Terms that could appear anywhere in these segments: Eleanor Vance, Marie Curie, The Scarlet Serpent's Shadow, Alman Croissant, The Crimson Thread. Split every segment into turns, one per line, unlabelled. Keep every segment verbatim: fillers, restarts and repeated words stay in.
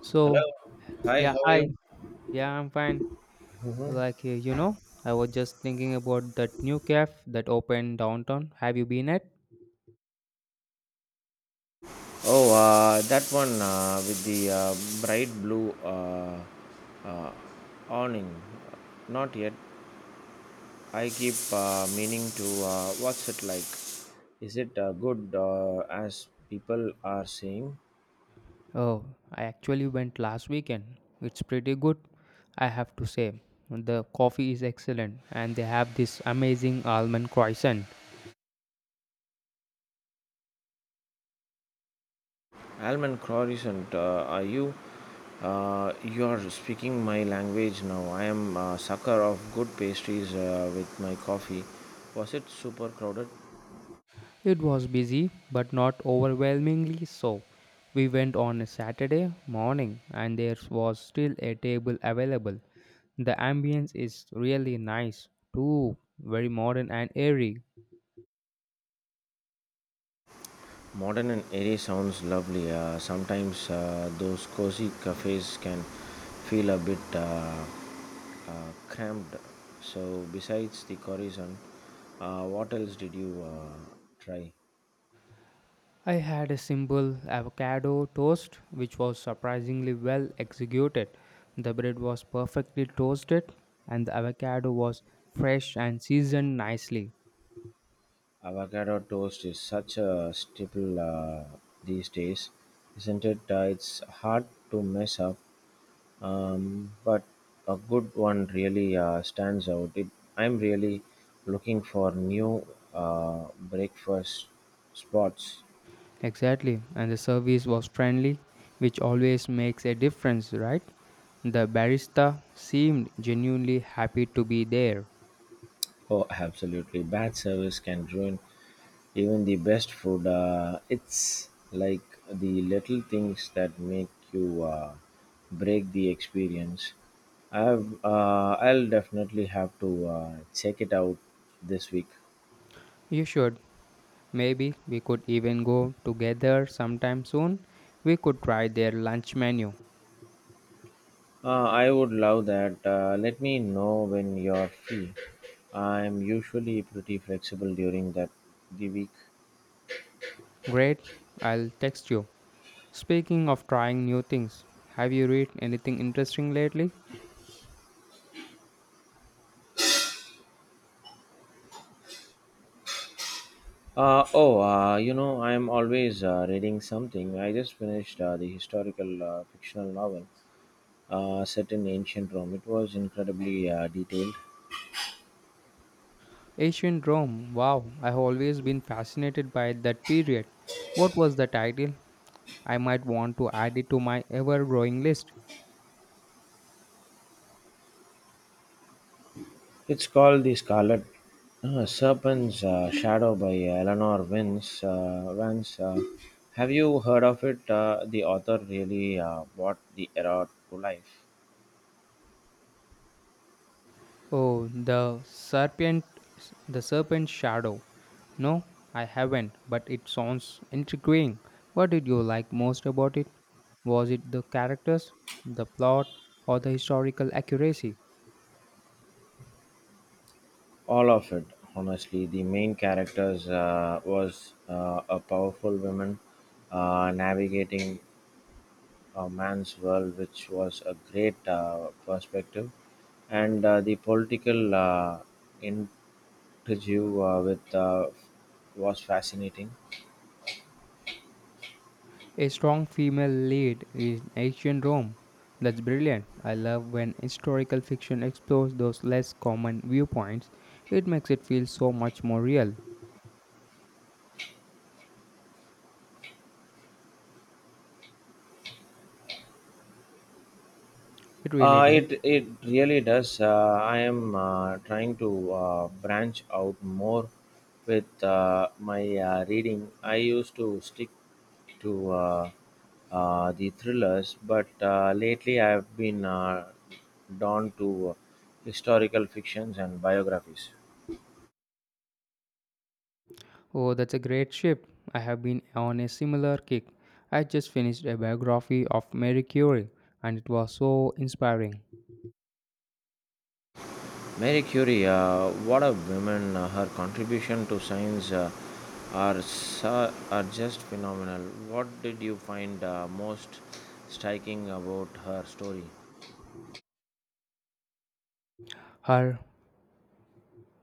So,
Hello. Hi,
yeah,
how are you?
hi. Yeah, I'm fine. Like, uh, you know, I was just thinking about that new cafe that opened downtown. Have you been at?
Oh, uh, that one uh, with the uh, bright blue uh, uh, awning. Not yet. I keep uh, meaning to. Uh, what's it like? Is it uh, good uh, as people are saying?
Oh, I actually went last weekend. It's pretty good, I have to say. The coffee is excellent, and they have this amazing almond croissant.
Alman Croissant, uh, are you? Uh, you are speaking my language now. I am a sucker of good pastries uh, with my coffee. Was it super crowded?
It was busy, but not overwhelmingly so. We went on a Saturday morning and there was still a table available. The ambience is really nice, too, very modern and airy.
Modern and airy sounds lovely. Uh, sometimes uh, those cozy cafes can feel a bit uh, uh, cramped. So, besides the horizon, uh, what else did you uh, try?
I had a simple avocado toast which was surprisingly well executed. The bread was perfectly toasted and the avocado was fresh and seasoned nicely.
Avocado toast is such a staple uh, these days, isn't it? Uh, it's hard to mess up. Um, but a good one really uh, stands out. It, I'm really looking for new uh, breakfast spots.
Exactly, and the service was friendly, which always makes a difference, right? The barista seemed genuinely happy to be there.
Oh, absolutely. Bad service can ruin even the best food. Uh, it's like the little things that make you uh, break the experience. I've, uh, I'll definitely have to uh, check it out this week.
You should. Maybe we could even go together sometime soon. We could try their lunch menu.
Uh, I would love that. Uh, let me know when you're free. I'm usually pretty flexible during that the week.
Great, I'll text you. Speaking of trying new things, have you read anything interesting lately?
Uh, oh, uh, you know, I'm always uh, reading something. I just finished uh, the historical uh, fictional novel uh, set in ancient Rome. It was incredibly uh, detailed.
Ancient Rome. Wow, I've always been fascinated by that period. What was the title? I might want to add it to my ever-growing list.
It's called The Scarlet uh, Serpent's uh, Shadow by Eleanor Vance. Uh, Vance. Uh, have you heard of it? Uh, the author really uh, brought the era to life.
Oh, the serpent, the serpent shadow. No, I haven't, but it sounds intriguing. What did you like most about it? Was it the characters, the plot, or the historical accuracy?
All of it, honestly. The main characters uh, was uh, a powerful woman uh, navigating a man's world, which was a great uh, perspective, and uh, the political uh, interview uh, with uh, was fascinating.
A strong female lead in ancient Rome. That's brilliant. I love when historical fiction explores those less common viewpoints. It makes it feel so much more real. It really
Uh,
does.
it it really does. Uh, I am uh, trying to uh, branch out more with uh, my uh, reading. I used to stick to uh, uh, the thrillers, but uh, lately I've been uh, drawn to historical fictions and biographies.
Oh, that's a great shift. I have been on a similar kick. I just finished a biography of Marie Curie and it was so inspiring.
Marie Curie, uh, what a woman! uh, her contribution to science uh, are su- are just phenomenal. What did you find uh, most striking about her story?
Her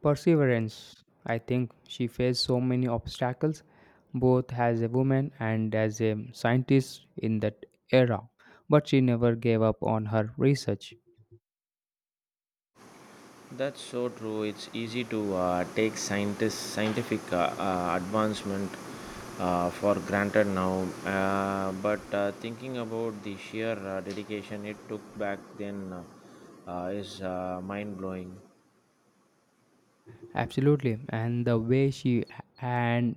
Perseverance. I think she faced so many obstacles, both as a woman and as a scientist in that era, but she never gave up on her research.
That's so true. It's easy to uh, take scientist scientific uh, uh, advancement uh, for granted now, uh, but uh, thinking about the sheer uh, dedication it took back then uh, uh, is uh, mind blowing.
Absolutely, and the way she and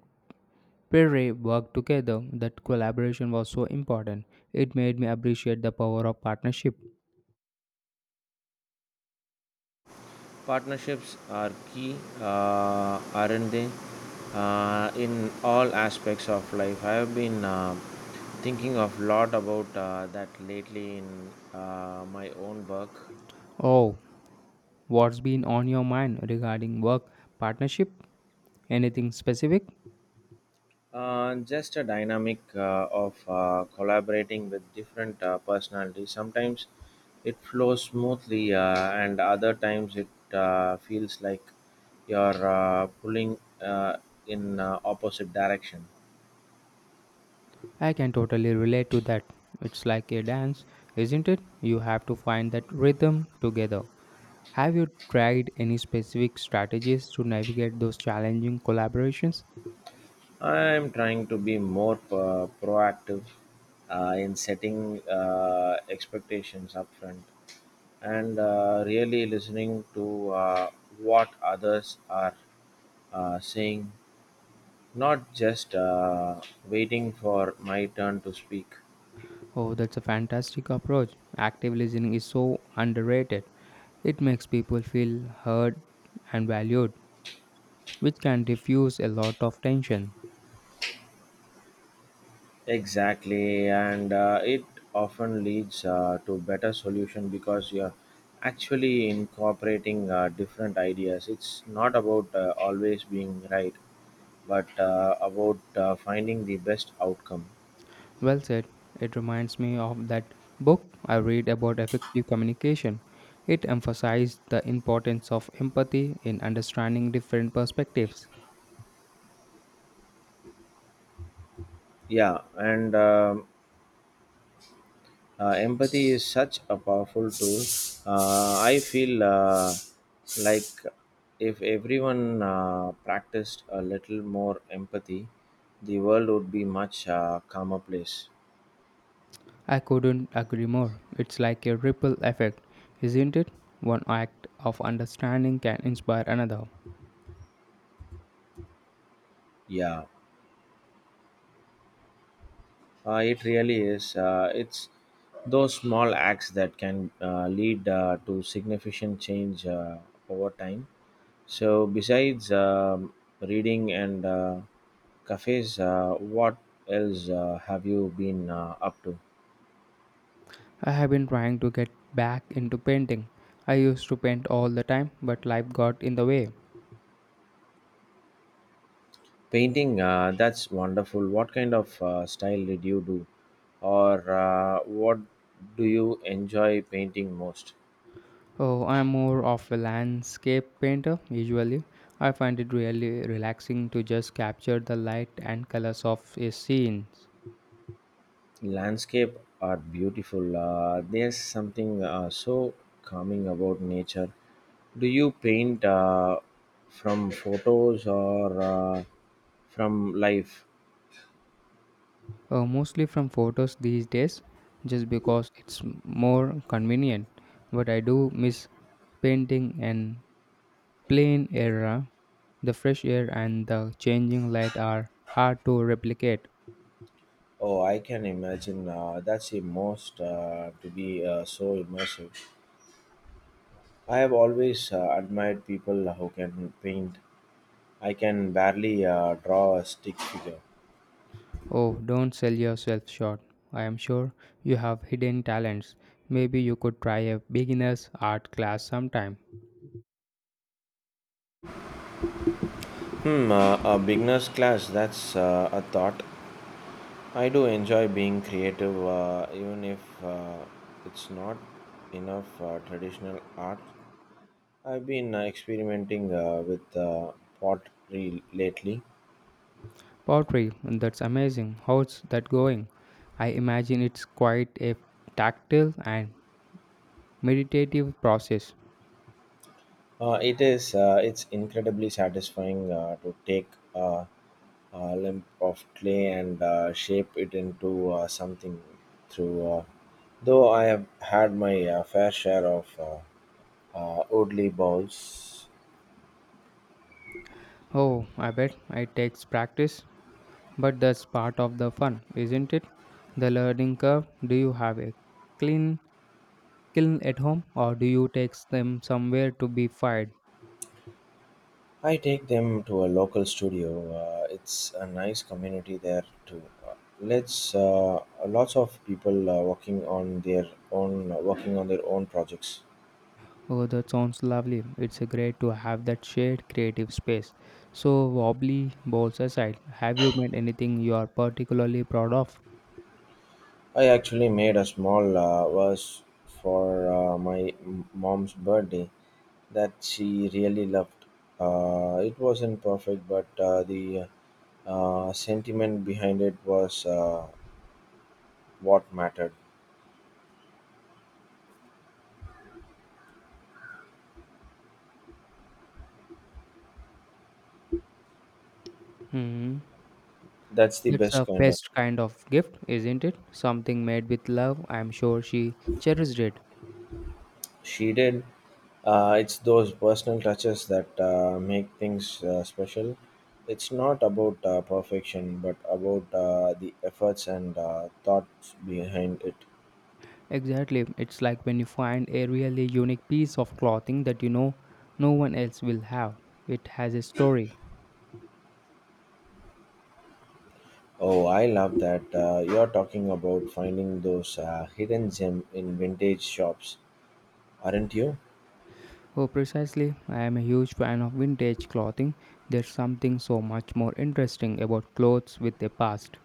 Perry worked together, that collaboration was so important. It made me appreciate the power of partnership.
Partnerships are key, uh, aren't they? Uh, in all aspects of life. I have been uh, thinking a lot about uh, that lately in uh, my own work.
Oh, what's been on your mind regarding work partnership? Anything specific?
Uh, just a dynamic uh, of uh, collaborating with different uh, personalities. Sometimes it flows smoothly, uh, and other times it uh, feels like you're uh, pulling uh, in uh, opposite direction.
I can totally relate to that. It's like a dance, isn't it? You have to find that rhythm together. Have you tried any specific strategies to navigate those challenging collaborations?
I'm trying to be more uh, proactive uh, in setting uh, expectations upfront and uh, really listening to uh, what others are uh, saying, not just uh, waiting for my turn to speak.
Oh, that's a fantastic approach. Active listening is so underrated. It makes people feel heard and valued, which can diffuse a lot of tension.
Exactly, and uh, it often leads uh, to better solution because you're actually incorporating uh, different ideas. It's not about uh, always being right but uh, about uh, finding the best outcome.
Well said. It reminds me of that book I read about effective communication. It emphasized the importance of empathy in understanding different perspectives.
Yeah, and um uh, empathy is such a powerful tool. Uh, I feel uh, like if everyone uh, practiced a little more empathy, the world would be much uh, calmer place.
I couldn't agree more. It's like a ripple effect, isn't it? One act of understanding can inspire another.
Yeah, uh, it really is. Uh, it's those small acts that can uh, lead uh, to significant change uh, over time. So, besides um, reading and uh, cafes, uh, what else uh, have you been uh, up to?
I have been trying to get back into painting. I used to paint all the time, but life got in the way.
Painting, uh, that's wonderful. What kind of uh, style did you do? Or uh, what do you enjoy painting most?
Oh, I'm more of a landscape painter usually. I find it really relaxing to just capture the light and colors of a scene,
Landscape are beautiful. Uh, there's something uh, so calming about nature. Do you paint uh, from photos or uh, from life?
uh, mostly from photos these days, just because it's m- more convenient. But I do miss painting and plain era. The fresh air and the changing light are hard to replicate.
Oh, I can imagine. Uh, that's the most uh, to be uh, so immersive. I have always uh, admired people who can paint. I can barely uh, draw a stick figure.
Oh, don't sell yourself short. I am sure you have hidden talents. Maybe you could try a beginner's art class sometime.
Hmm, uh, a beginner's class, that's uh, a thought. I do enjoy being creative, uh, even if uh, it's not enough uh, traditional art. I've been uh, experimenting uh, with uh, pottery lately.
Pottery, that's amazing. How's that going? I imagine it's quite a tactile and meditative process.
Uh, it is. Uh, it's incredibly satisfying uh, to take a, a lump of clay and uh, shape it into uh, something. Through, uh, though I have had my uh, fair share of uh, uh, Oodley balls.
Oh, I bet it takes practice, but that's part of the fun, isn't it? The learning curve. Do you have a clean kiln at home or do you take them somewhere to be fired?
I take them to a local studio. Uh, it's a nice community there too. Uh, let's uh, Lots of people uh, working on their own working on their own projects.
Oh, that sounds lovely. It's a great to have that shared creative space. So, wobbly balls aside, have you made anything you are particularly proud of?
I actually made a small uh, vase for uh, my m- mom's birthday that she really loved. Uh, it wasn't perfect, but uh, the uh, sentiment behind it was uh, what mattered.
Hmm.
That's the
It's a
best kind of
best kind of gift, isn't it? Something made with love. I'm sure she cherished it.
She did. Uh, it's those personal touches that uh, make things uh, special. It's not about uh, perfection, but about uh, the efforts and uh, thoughts behind it.
Exactly. It's like when you find a really unique piece of clothing that you know no one else will have. It has a story.
Oh, I love that. Uh, you're talking about finding those uh, hidden gem in vintage shops, aren't you?
Oh, precisely. I am a huge fan of vintage clothing. There's something so much more interesting about clothes with a past.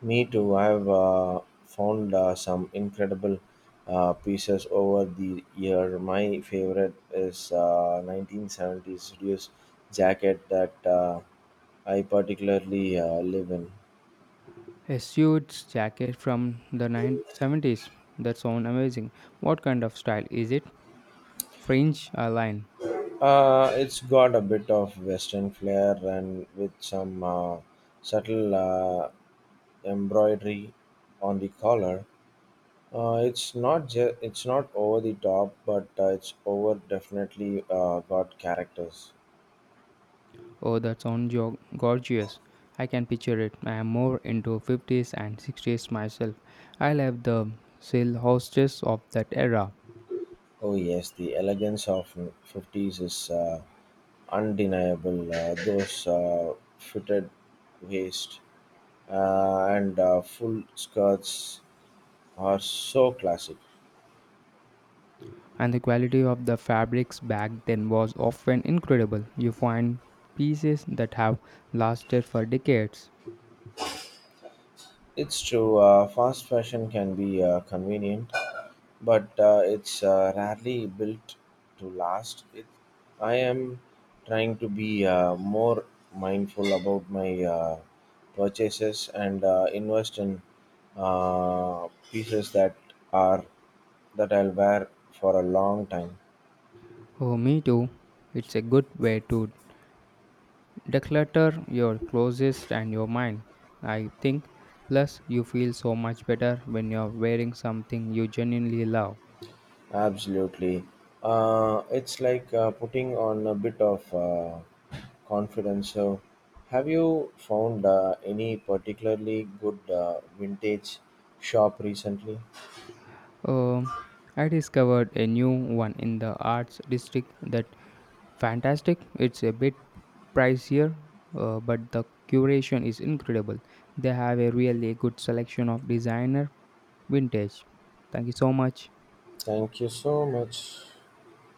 Me too. I've uh, found uh, some incredible uh, pieces over the year. My favorite is uh, nineteen seventies reduced jacket that uh, I particularly uh, live in.
A suit jacket from the nineteen seventies. That sounds amazing. What kind of style is it? Fringe or line?
Uh, it's got a bit of Western flair and with some uh, subtle uh, embroidery on the collar. Uh, it's not ju- it's not over the top, but uh, it's over definitely uh, got characters.
Oh, that sounds jo- gorgeous. I can picture it. I am more into fifties and sixties myself. I love the silhouettes of that era.
Oh yes, the elegance of fifties is uh, undeniable. Uh, those uh, fitted waist uh, and uh, full skirts are so classic.
And the quality of the fabrics back then was often incredible. You find pieces that have lasted for decades.
It's true. Uh, fast fashion can be uh, convenient, but uh, it's uh, rarely built to last. It, I am trying to be uh, more mindful about my uh, purchases and uh, invest in uh, pieces that are that I'll wear for a long time.
Oh, me too. It's a good way to declutter your closest and your mind, I think. Plus, you feel so much better when you're wearing something you genuinely love.
Absolutely. Uh, it's like uh, putting on a bit of uh, confidence. So, have you found uh, any particularly good uh, vintage shop recently?
Um, I discovered a new one in the arts district that fantastic. It's a bit pricier, uh, but the curation is incredible. They have a really good selection of designer vintage. Thank you so much.
Thank you so much.